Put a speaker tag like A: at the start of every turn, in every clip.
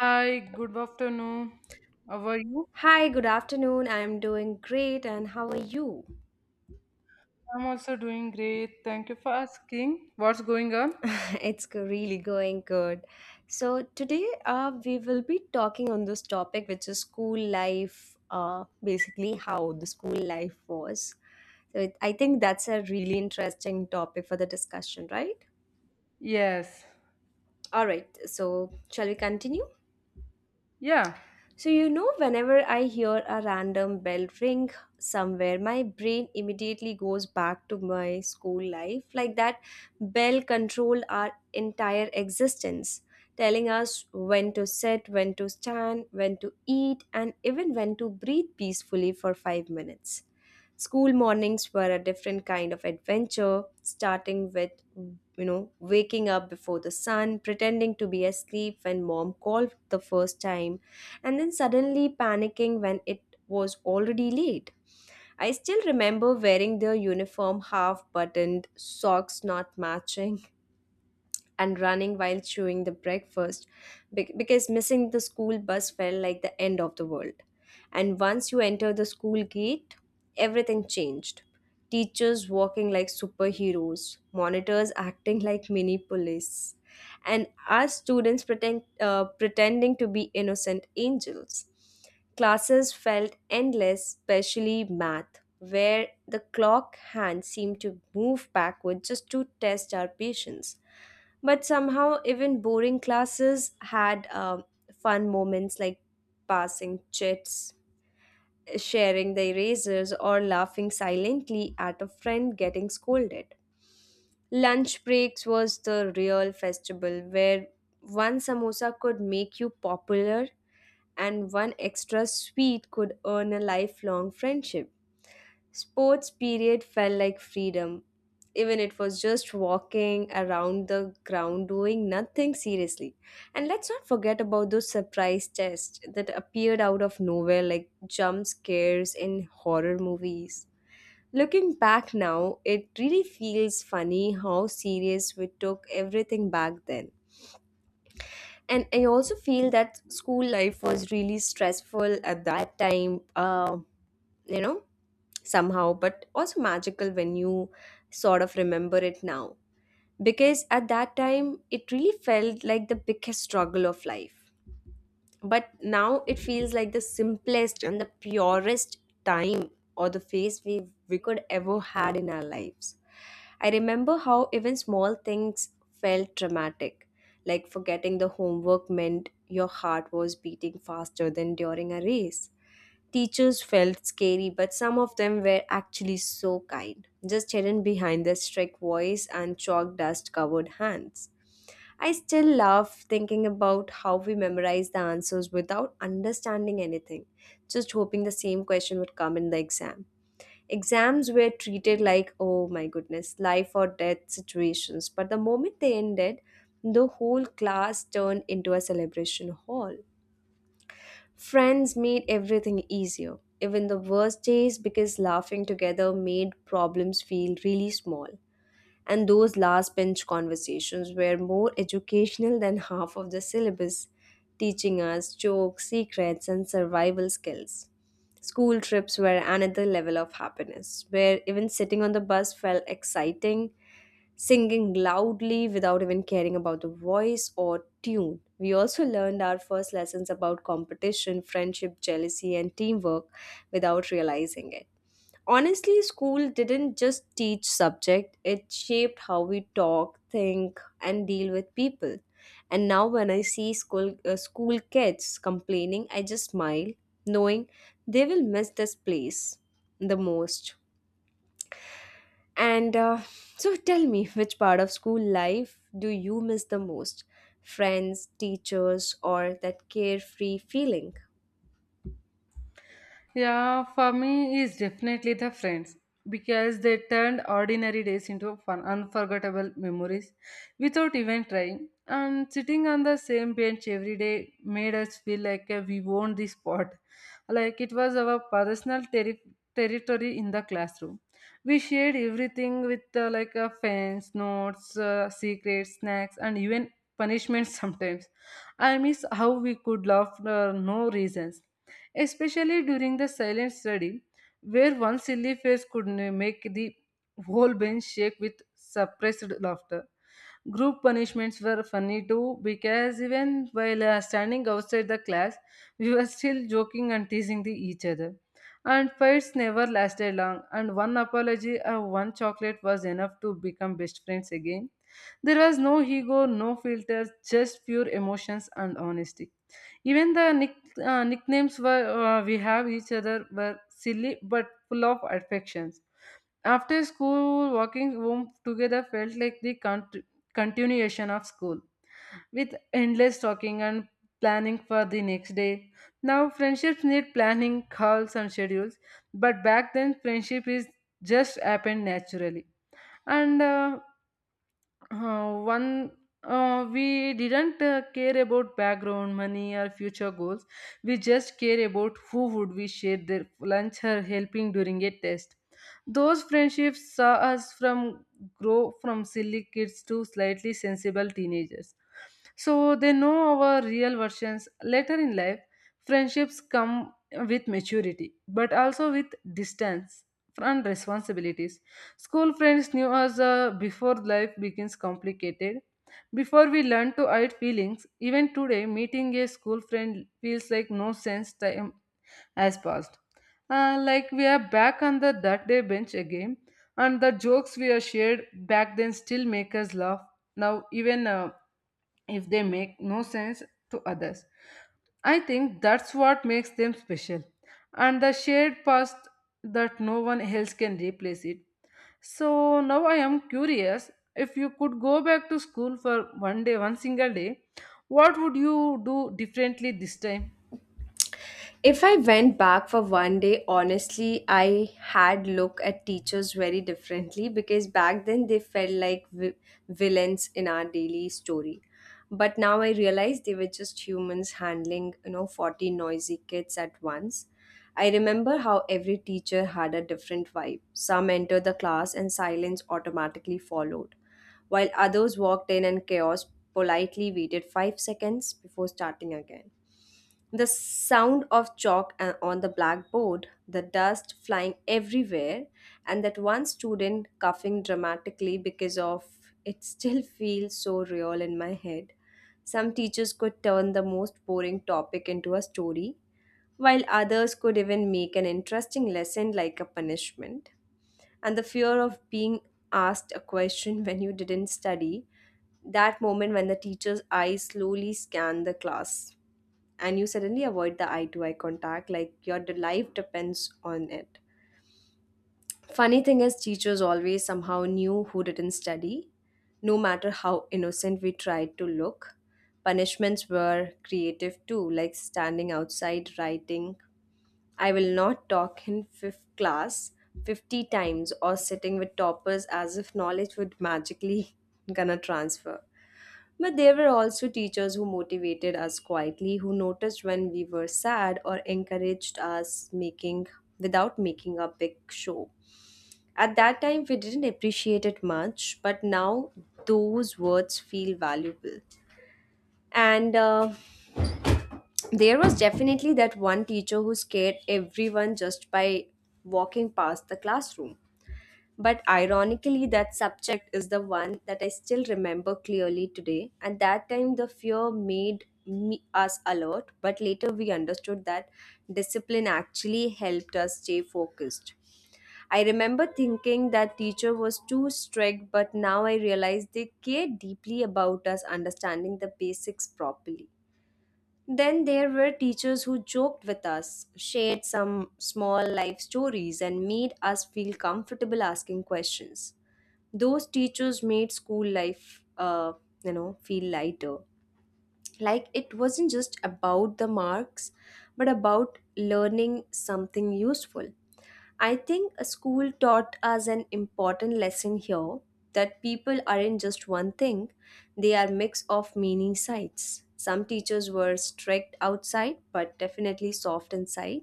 A: Hi, good afternoon. How are you?
B: Hi, good afternoon. I'm doing great, and how are you?
A: I'm also doing great. Thank you for asking. What's going on?
B: It's really going good. So, today we will be talking on this topic, which is school life, basically, how the school life was. So, I think that's a really interesting topic for the discussion, right?
A: Yes.
B: All right, so shall we continue?
A: Yeah.
B: So, whenever I hear a random bell ring somewhere, my brain immediately goes back to my school life. Like that bell controlled our entire existence, telling us when to sit, when to stand, when to eat, and even when to breathe peacefully for 5 minutes. School mornings were a different kind of adventure, starting with, waking up before the sun, pretending to be asleep when mom called the first time and then suddenly panicking when it was already late. I still remember wearing their uniform half buttoned, socks not matching, and running while chewing the breakfast because missing the school bus felt like the end of the world. And once you enter the school gate, everything changed. Teachers walking like superheroes, monitors acting like mini police, and us students pretending to be innocent angels. Classes felt endless, especially math, where the clock hand seemed to move backward just to test our patience. But somehow, even boring classes had fun moments like passing chits, sharing the erasers, or laughing silently at a friend getting scolded. Lunch breaks was the real festival where one samosa could make you popular and one extra sweet could earn a lifelong friendship. Sports period felt like freedom. Even it was just walking around the ground doing nothing seriously. And let's not forget about those surprise tests that appeared out of nowhere like jump scares in horror movies. Looking back now, it really feels funny how serious we took everything back then. And I also feel that school life was really stressful at that time. You know Somehow, but also magical when you sort of remember it now. Because at that time, it really felt like the biggest struggle of life. But now it feels like the simplest and the purest time or the phase we could ever had in our lives. I remember how even small things felt dramatic, like forgetting the homework meant your heart was beating faster than during a race. Teachers felt scary, but some of them were actually so kind, just hidden behind their strict voice and chalk dust covered hands. I still love thinking about how we memorize the answers without understanding anything, just hoping the same question would come in the exam. Exams were treated like, oh my goodness, life or death situations, but the moment they ended, the whole class turned into a celebration hall. Friends made everything easier, even the worst days, because laughing together made problems feel really small, and those last bench conversations were more educational than half of the syllabus, teaching us jokes, secrets, and survival skills. School trips were another level of happiness, where even sitting on the bus felt exciting, singing loudly without even caring about the voice or tune. We also learned our first lessons about competition, friendship, jealousy, and teamwork without realizing it. Honestly, school didn't just teach subject, it shaped how we talk, think, and deal with people. And now when I see school kids complaining, I just smile, knowing they will miss this place the most. And uh, so tell me, which part of school life do you miss the most? Friends, teachers, or that carefree feeling?
A: Yeah, for me is definitely the friends because they turned ordinary days into fun, unforgettable memories without even trying. And sitting on the same bench every day made us feel like we owned the spot, like it was our personal territory in the classroom. We shared everything with like fans, notes, secrets, snacks, and even punishments sometimes. I miss how we could laugh for no reasons, especially during the silent study, where one silly face could make the whole bench shake with suppressed laughter. Group punishments were funny too, because even while standing outside the class, we were still joking and teasing each other. And fights never lasted long, and one apology or one chocolate was enough to become best friends again. There was no ego, no filters, just pure emotions and honesty. Even the nicknames were, we have each other were silly but full of affections. After school, walking home together felt like the continuation of school, with endless talking and planning for the next day. Now, friendships need planning, calls, and schedules, but back then, friendship is just happened naturally. And one we didn't care about background money or future goals. We just care about who would we share their lunch or helping during a test. Those friendships saw us from grow from silly kids to slightly sensible teenagers, so they know our real versions later in life. Friendships come with maturity but also with distance and responsibilities. School friends knew us before life begins complicated. Before we learn to hide feelings, even today, meeting a school friend feels like no sense time has passed. Like we are back on the that day bench again, and the jokes we are shared back then still make us laugh now, even if they make no sense to others. I think that's what makes them special, and the shared past that no one else can replace it. So now I am curious, if you could go back to school for one day, one single day, what would you do differently this time?
B: If I went back for one day, honestly, I had look at teachers very differently because back then they felt like villains in our daily story. But now I realize they were just humans handling, 40 noisy kids at once. I remember how every teacher had a different vibe. Some entered the class and silence automatically followed, while others walked in and chaos politely waited 5 seconds before starting again. The sound of chalk on the blackboard, the dust flying everywhere, and that one student coughing dramatically because of it still feels so real in my head. Some teachers could turn the most boring topic into a story, while others could even make an interesting lesson like a punishment. And the fear of being asked a question when you didn't study, that moment when the teacher's eyes slowly scan the class and you suddenly avoid the eye to eye contact like your life depends on it. Funny thing is, teachers always somehow knew who didn't study, no matter how innocent we tried to look. Punishments were creative too, like standing outside writing "I will not talk in fifth class" 50 times, or sitting with toppers as if knowledge would magically gonna transfer. But there were also teachers who motivated us quietly, who noticed when we were sad or encouraged us making without making a big show. At that time we didn't appreciate it much, but now those words feel valuable. And there was definitely that one teacher who scared everyone just by walking past the classroom. But ironically, that subject is the one that I still remember clearly today. And that time, the fear made us alert, but later we understood that discipline actually helped us stay focused. I remember thinking that teacher was too strict, but now I realize they care deeply about us understanding the basics properly. Then there were teachers who joked with us, shared some small life stories, and made us feel comfortable asking questions. Those teachers made school life, feel lighter. Like it wasn't just about the marks, but about learning something useful. I think a school taught us an important lesson here, that people aren't just one thing, they are mix of many sides. Some teachers were strict outside but definitely soft inside,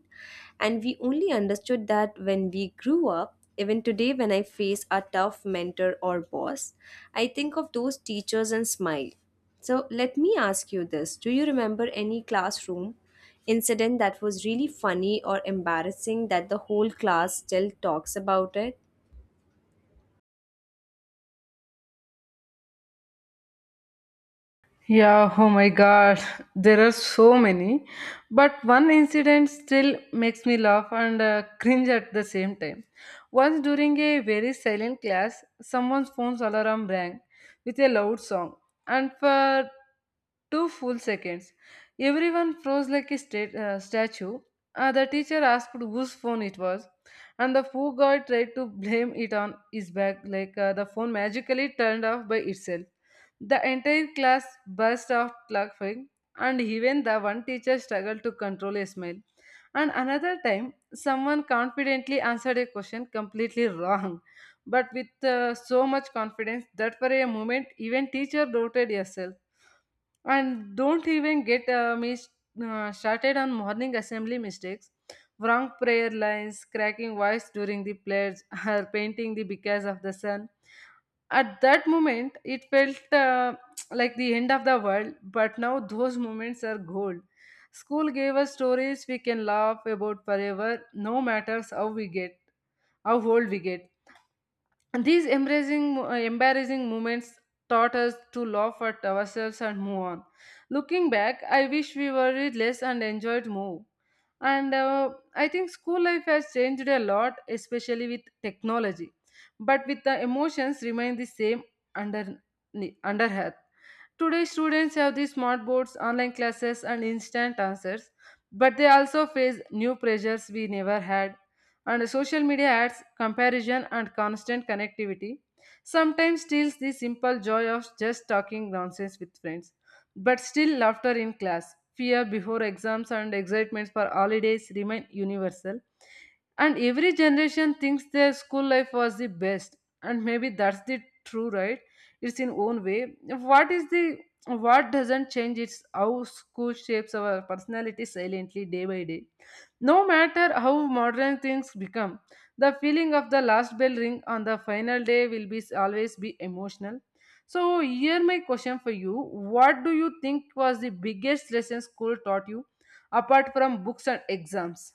B: and we only understood that when we grew up. Even today, when I face a tough mentor or boss, I think of those teachers and smile. So let me ask you this. Do you remember any classroom incident that was really funny or embarrassing that the whole class still talks about it?
A: Yeah, oh my god, there are so many. But one incident still makes me laugh and cringe at the same time. Once during a very silent class, someone's phone's alarm rang with a loud song, and for two full seconds, everyone froze like a statue. The teacher asked whose phone it was, and the poor guy tried to blame it on his back, like the phone magically turned off by itself. The entire class burst out laughing, and even the one teacher struggled to control a smile. And another time, someone confidently answered a question completely wrong, but with so much confidence that for a moment, even teacher doubted herself. And don't even get me started on morning assembly mistakes, wrong prayer lines, cracking voice during the pledge, or painting the because of the sun. At that moment, it felt like the end of the world, but now those moments are gold. School gave us stories we can laugh about forever, no matter how old we get. These embarrassing moments taught us to laugh at ourselves and move on. Looking back, I wish we worried less and enjoyed more. And I think school life has changed a lot, especially with technology. But with the emotions remain the same under under earth. Today, students have these smart boards, online classes, and instant answers, but they also face new pressures we never had, and social media adds comparison, and constant connectivity sometimes steals the simple joy of just talking nonsense with friends. But still, laughter in class, fear before exams, and excitements for holidays remain universal. And every generation thinks their school life was the best. And maybe that's the true, right? It's in own way. What is the what doesn't change, it's how school shapes our personality silently day by day, no matter how modern things become. The feeling of the last bell ring on the final day will be always be emotional. So here my question for you: what do you think was the biggest lesson school taught you, apart from books and exams?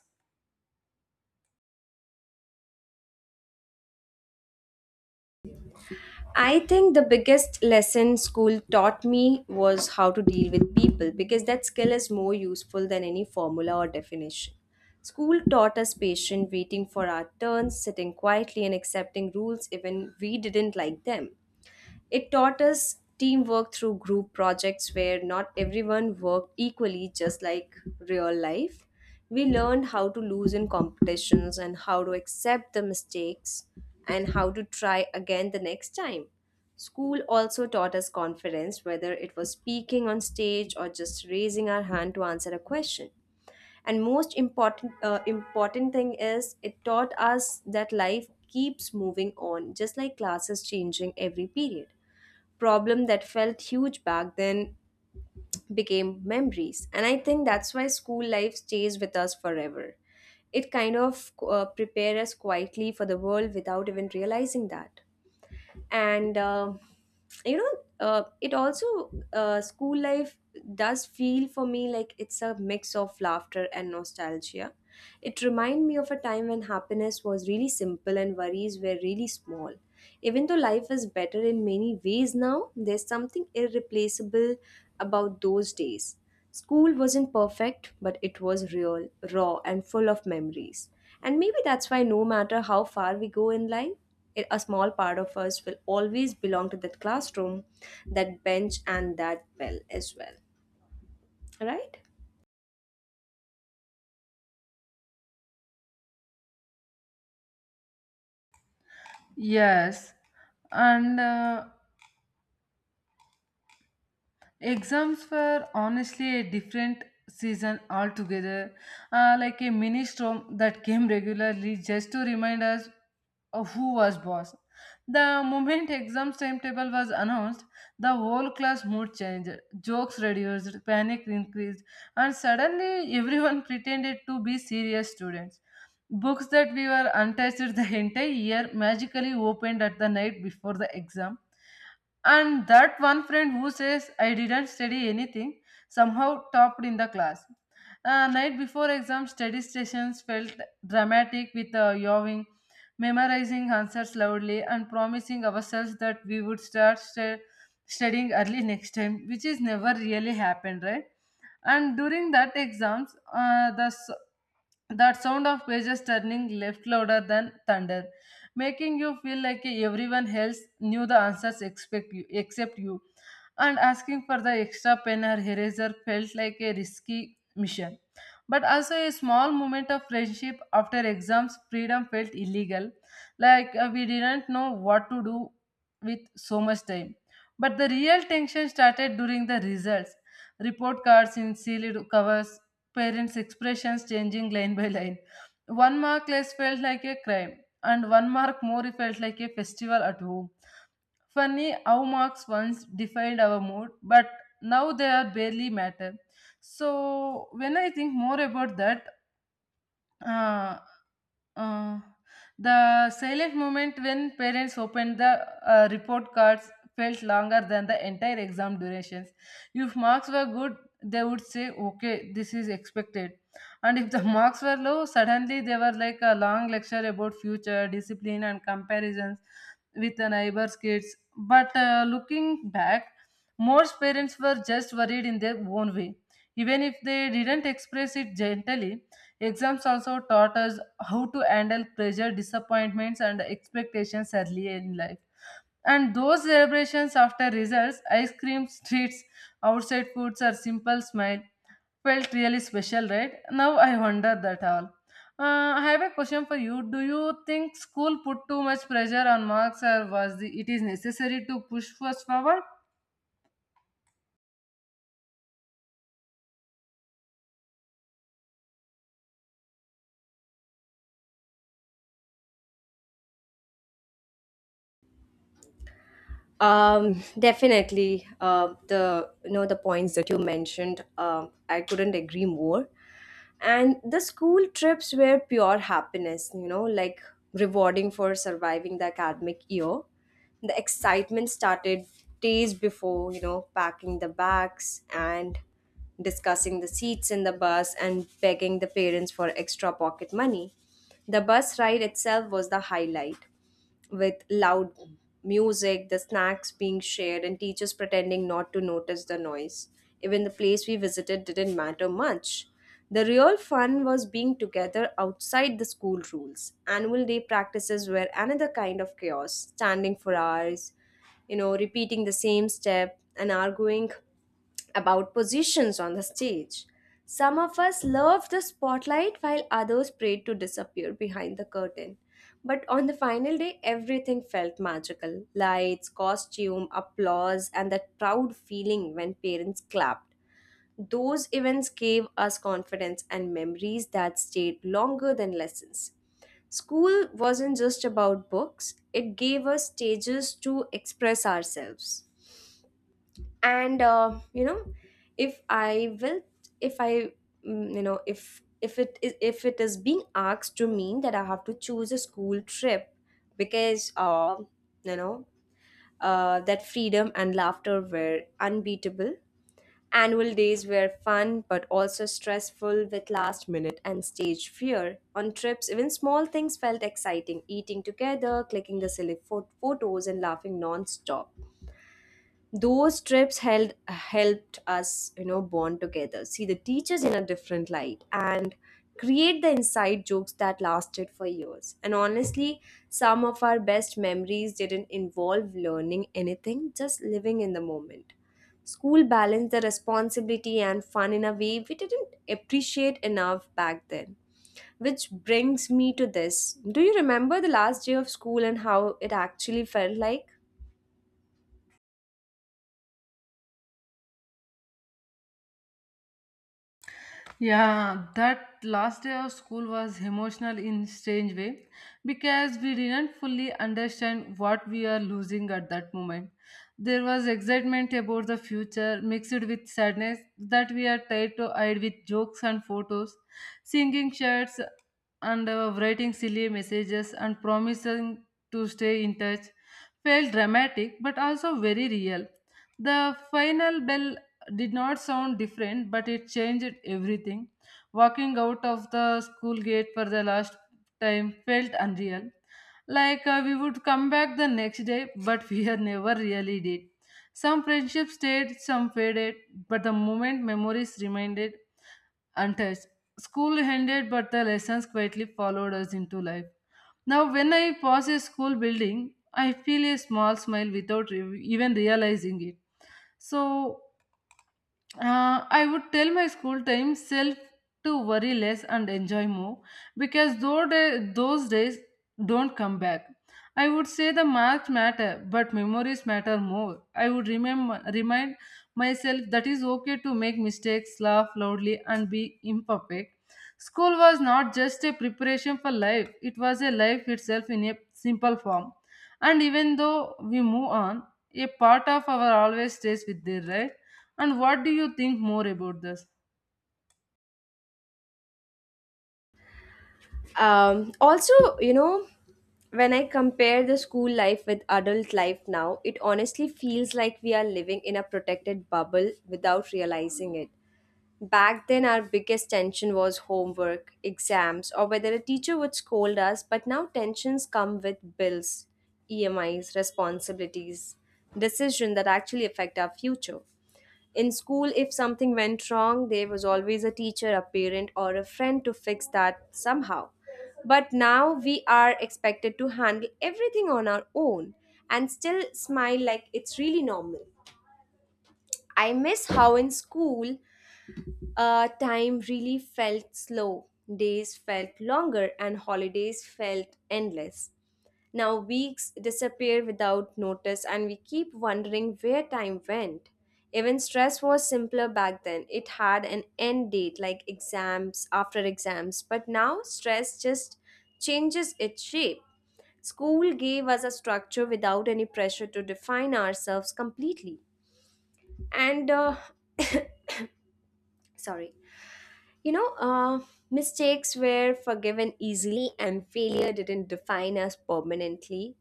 B: I think the biggest lesson school taught me was how to deal with people because that skill is more useful than any formula or definition. School taught us patience, waiting for our turns, sitting quietly, and accepting rules even we didn't like them. It taught us teamwork through group projects where not everyone worked equally, just like real life. We learned how to lose in competitions and how to accept the mistakes and how to try again the next time. School also taught us confidence, whether it was speaking on stage or just raising our hand to answer a question. And most important thing is it taught us that life keeps moving on, just like classes changing every period. Problem that felt huge back then became memories. And I think that's why school life stays with us forever. It kind of prepares us quietly for the world without even realizing that. And you know it also School life does feel for me like it's a mix of laughter and nostalgia. It reminds me of a time when happiness was really simple and worries were really small. Even though life is better in many ways now, there's something irreplaceable about those days. School wasn't perfect, but it was real, raw, and full of memories. And maybe that's why, no matter how far we go in life, a small part of us will always belong to that classroom, that bench, and that bell as well. Right?
A: Yes, and exams were honestly a different season altogether, like a mini storm that came regularly just to remind us of who was boss. The moment exams timetable was announced, the whole class mood changed, jokes reduced, panic increased, and suddenly everyone pretended to be serious students. Books that we were untouched the entire year magically opened at the night before the exam, and that one friend who says, I didn't study anything, somehow topped in the class. Night before exam, study sessions felt dramatic with yawing, memorizing answers loudly, and promising ourselves that we would start studying early next time, which is never really happened, right? And during that exams, that sound of pages turning left louder than thunder, making you feel like everyone else knew the answers except you. And asking for the extra pen or eraser felt like a risky mission. But also, a small moment of friendship after exams, freedom felt illegal. Like we didn't know what to do with so much time. But the real tension started during the results. Report cards in sealed covers, parents' expressions changing line by line. One mark less felt like a crime, and one mark more it felt like a festival at home. Funny how marks once defined our mood, but now they are barely matter. So when I think more about that, uh, uh, the silent moment when parents opened the report cards felt longer than the entire exam durations. If marks were good, they would say, okay, this is expected. And if the marks were low, suddenly they were like a long lecture about future, discipline, and comparisons with the neighbor's kids. But looking back, most parents were just worried in their own way, even if they didn't express it gently. Exams also taught us how to handle pressure, disappointments, and expectations early in life. And those celebrations after results, ice cream treats, outside foods, or simple smile felt really special, right? Now I wonder that all. I have a question for you. Do you think school put too much pressure on marks, or was it is necessary to push us forward?
B: Definitely. The points that you mentioned, I couldn't agree more. And the school trips were pure happiness, like rewarding for surviving the academic year. The excitement started days before, packing the bags and discussing the seats in the bus and begging the parents for extra pocket money. The bus ride itself was the highlight, with loud music, the snacks being shared, and teachers pretending not to notice the noise. Even the place we visited didn't matter much. The real fun was being together outside the school rules. Annual day practices were another kind of chaos, standing for hours, repeating the same step and arguing about positions on the stage. Some of us loved the spotlight while others prayed to disappear behind the curtain. But on the final day, everything felt magical: lights, costume, applause, and that proud feeling when parents clapped. Those events gave us confidence and memories that stayed longer than lessons. School wasn't just about books, it gave us stages to express ourselves. And, uh, you know, if I will, if I, mm, you know, if it is being asked to mean that I have to choose a school trip because you know that freedom and laughter were unbeatable. Annual days were fun but also stressful with last minute and stage fear. On trips, even small things felt exciting, eating together, clicking the silly photos, and laughing non stop. Those trips held helped us, you know, bond together, see the teachers in a different light, and create the inside jokes that lasted for years. And honestly, some of our best memories didn't involve learning anything, just living in the moment. School balanced the responsibility and fun in a way we didn't appreciate enough back then, which brings me to this: do you remember the last day of school and how it actually felt like?
A: Yeah, that last day of school was emotional in strange way, because we didn't fully understand what we are losing at that moment. There was excitement about the future mixed with sadness that we are tried to hide with jokes and photos, singing shirts, and writing silly messages, and promising to stay in touch. Felt dramatic but also very real. The final bell did not sound different, but it changed everything. Walking out of the school gate for the last time felt unreal. Like we would come back the next day, but we had never really did. Some friendships stayed, some faded, but the moment memories remained untouched. School ended, but the lessons quietly followed us into life. Now, when I pass a school building, I feel a small smile without even realizing it. So, I would tell my school time self to worry less and enjoy more, because those days don't come back. I would say the marks matter, but memories matter more. I would remind myself that it's okay to make mistakes, laugh loudly, and be imperfect. School was not just a preparation for life, it was a life itself in a simple form. And even though we move on, a part of our always stays with there, right? And what do you think more about this?
B: Also you know When I compare the school life with adult life now, it honestly feels like we are living in a protected bubble without realizing it. Back then, our biggest tension was homework, exams, or whether a teacher would scold us, but now tensions come with bills, EMIs, responsibilities, decisions that actually affect our future. In school, if something went wrong, there was always a teacher, a parent, or a friend to fix that somehow. But now we are expected to handle everything on our own and still smile like it's really normal. I miss how in school time really felt slow, days felt longer, and holidays felt endless. Now weeks disappear without notice, and we keep wondering where time went. Even stress was simpler back then. It had an end date, like exams, after exams. But now stress just changes its shape. School gave us a structure without any pressure to define ourselves completely. And, uh, sorry. You know, uh, Mistakes were forgiven easily and failure didn't define us permanently.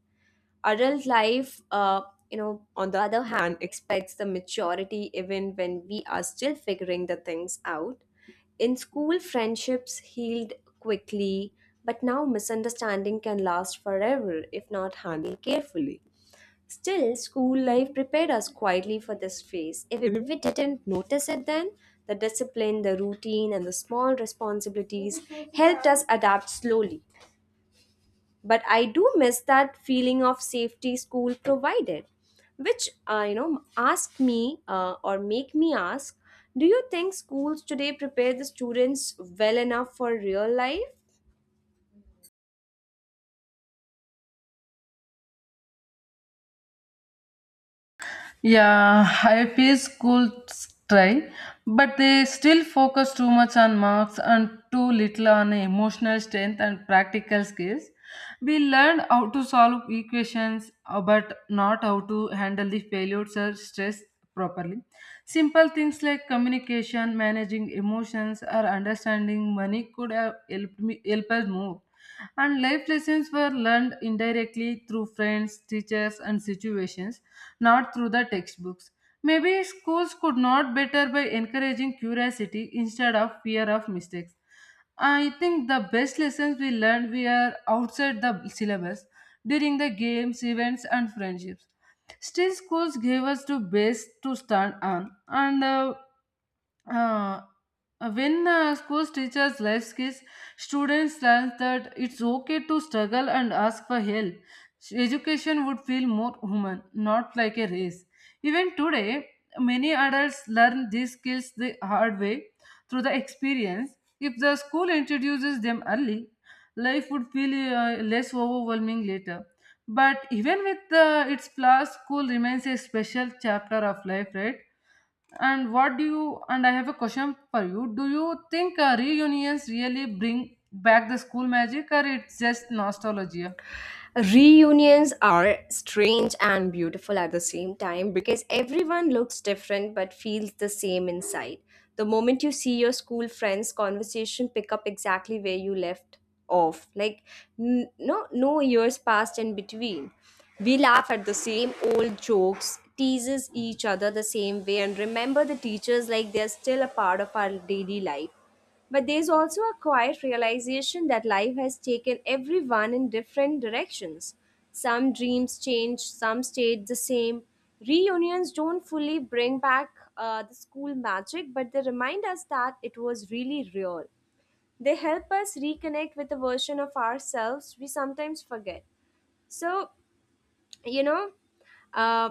B: Adult life, on the other hand, expects the maturity even when we are still figuring the things out. In school, friendships healed quickly, but now misunderstanding can last forever if not handled carefully. Still, school life prepared us quietly for this phase. If we didn't notice it then, the discipline, the routine, and the small responsibilities helped us adapt slowly. But I do miss that feeling of safety school provided, which, ask me, or make me ask, do you think schools today prepare the students well enough for real life?
A: Yeah, IIP schools try, but they still focus too much on marks and too little on emotional strength and practical skills. We learned how to solve equations, but not how to handle the failures or stress properly. Simple things like communication, managing emotions, or understanding money could have helped me help us more. And life lessons were learned indirectly through friends, teachers, and situations, not through the textbooks. Maybe schools could not better by encouraging curiosity instead of fear of mistakes. I think the best lessons we learned were outside the syllabus, during the games, events, and friendships. Still, schools gave us the base to stand on, and uh, when schools teaches life skills, students learn that it's okay to struggle and ask for help. Education would feel more human, not like a race. Even today, many adults learn these skills the hard way through the experience. If the school introduces them early, life would feel less overwhelming later. But even with its flaws, school remains a special chapter of life, right? And what do you, and I have a question for you. Do you think reunions really bring back the school magic, or it's just nostalgia?
B: Reunions are strange and beautiful at the same time because everyone looks different but feels the same inside. The moment you see your school friends, conversation pick up exactly where you left off. Like, no years passed in between. We laugh at the same old jokes, teases each other the same way, and remember the teachers like they're still a part of our daily life. But there's also a quiet realization that life has taken everyone in different directions. Some dreams change, some stayed the same. Reunions don't fully bring back the school magic, but they remind us that it was really real. They help us reconnect with a version of ourselves we sometimes forget. So, you know uh,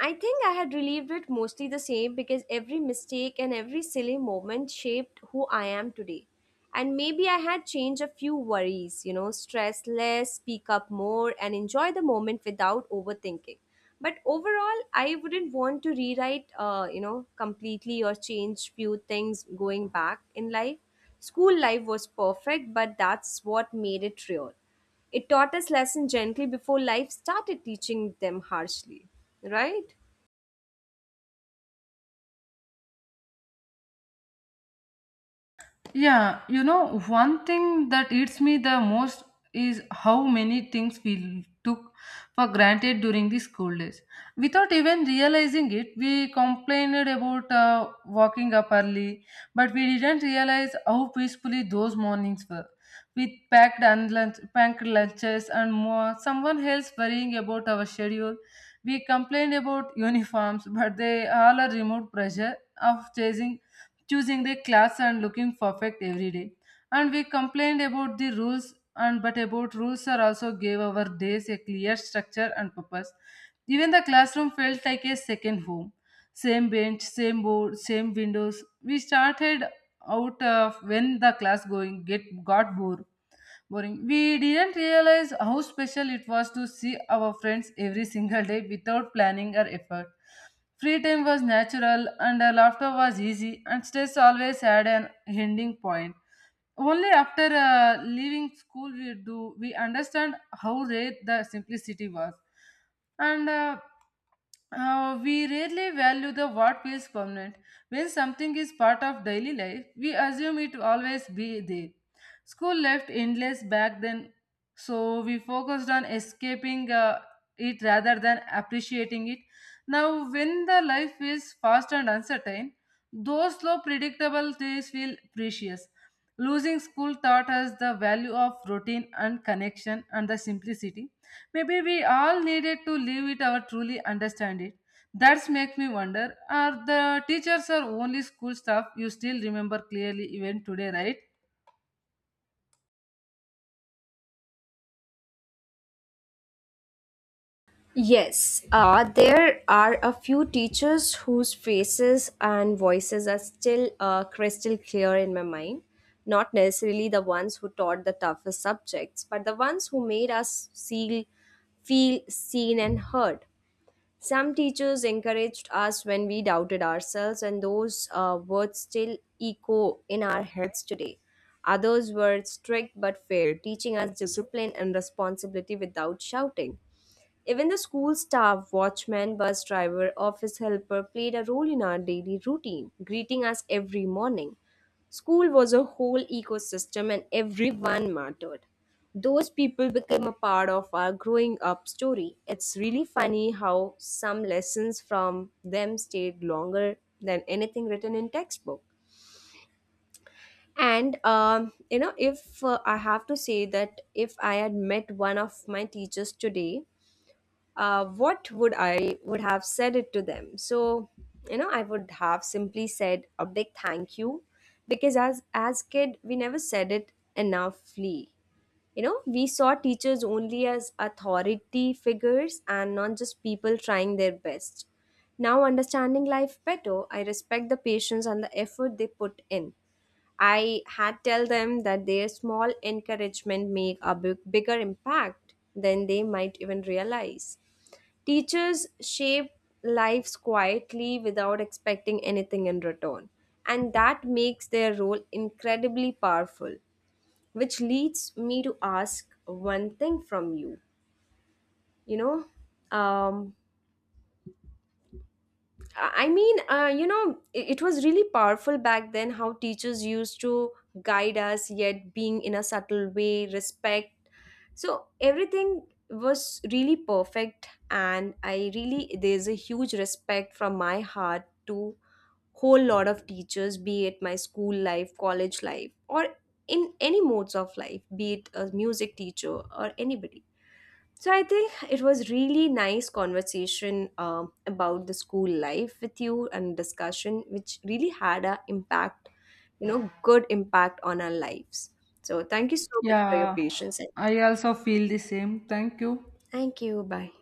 B: I think I had relieved it mostly the same, because every mistake and every silly moment shaped who I am today. And maybe I had changed a few worries, you know, stress less, speak up more, and enjoy the moment without overthinking. But overall, I wouldn't want to rewrite, completely or change few things going back in life. School life was perfect, but that's what made it real. It taught us lessons gently before life started teaching them harshly, right?
A: Yeah, one thing that eats me the most is how many things we took for granted during the school days. Without even realizing it, we complained about walking up early, but we didn't realize how peacefully those mornings were. We packed lunches and more. Someone else worrying about our schedule. We complained about uniforms, but they all are removed pressure of chasing choosing the class and looking perfect every day. And we complained about the rules, and but about rules are also gave our days a clear structure and purpose. Even the classroom felt like a second home. Same bench, same board, same windows. We started out of when the class going get got bored boring. We didn't realize how special it was to see our friends every single day without planning or effort. Free time was natural, and our laughter was easy, and stress always had an ending point. Only after leaving school we understand how rare the simplicity was. And we rarely value the what feels permanent. When something is part of daily life, we assume it will always be there. School left endless back then, so we focused on escaping it rather than appreciating it. Now, when the life is fast and uncertain, those slow predictable days feel precious. Losing school taught us the value of routine and connection and the simplicity. Maybe we all needed to live it or truly understand it. That's make me wonder, are the teachers or only school staff you still remember clearly even today, right?
B: Yes, there are a few teachers whose faces and voices are still crystal clear in my mind. Not necessarily the ones who taught the toughest subjects, but the ones who made us see, feel seen and heard. Some teachers encouraged us when we doubted ourselves, and those words still echo in our heads today. Others were strict but fair, teaching us discipline and responsibility without shouting. Even the school staff, watchman, bus driver, office helper played a role in our daily routine, greeting us every morning. School was a whole ecosystem and everyone mattered. Those people became a part of our growing up story. It's really funny how some lessons from them stayed longer than anything written in textbook. And you know, if I have to say that if I had met one of my teachers today, what would I would have said it to them? I would have simply said a big thank you, because as kid we never said it enoughly. You know, we saw teachers only as authority figures and not just people trying their best. Now, understanding life better, I respect the patience and the effort they put in. I had tell them that their small encouragement make a bigger impact than they might even realize. Teachers shape lives quietly without expecting anything in return, and that makes their role incredibly powerful, which leads me to ask one thing from you. You know um I mean you know it was really powerful back then how teachers used to guide us, yet being in a subtle way, respect. So everything was really perfect, and I really, there's a huge respect from my heart to whole lot of teachers, be it my school life, college life, or in any modes of life, be it a music teacher or anybody. So I think it was really nice conversation about the school life with you and discussion, which really had a impact, you know, good impact on our lives. So thank you so much for your
A: Yeah,
B: patience.
A: I also feel the same. Thank you.
B: Thank you. Bye.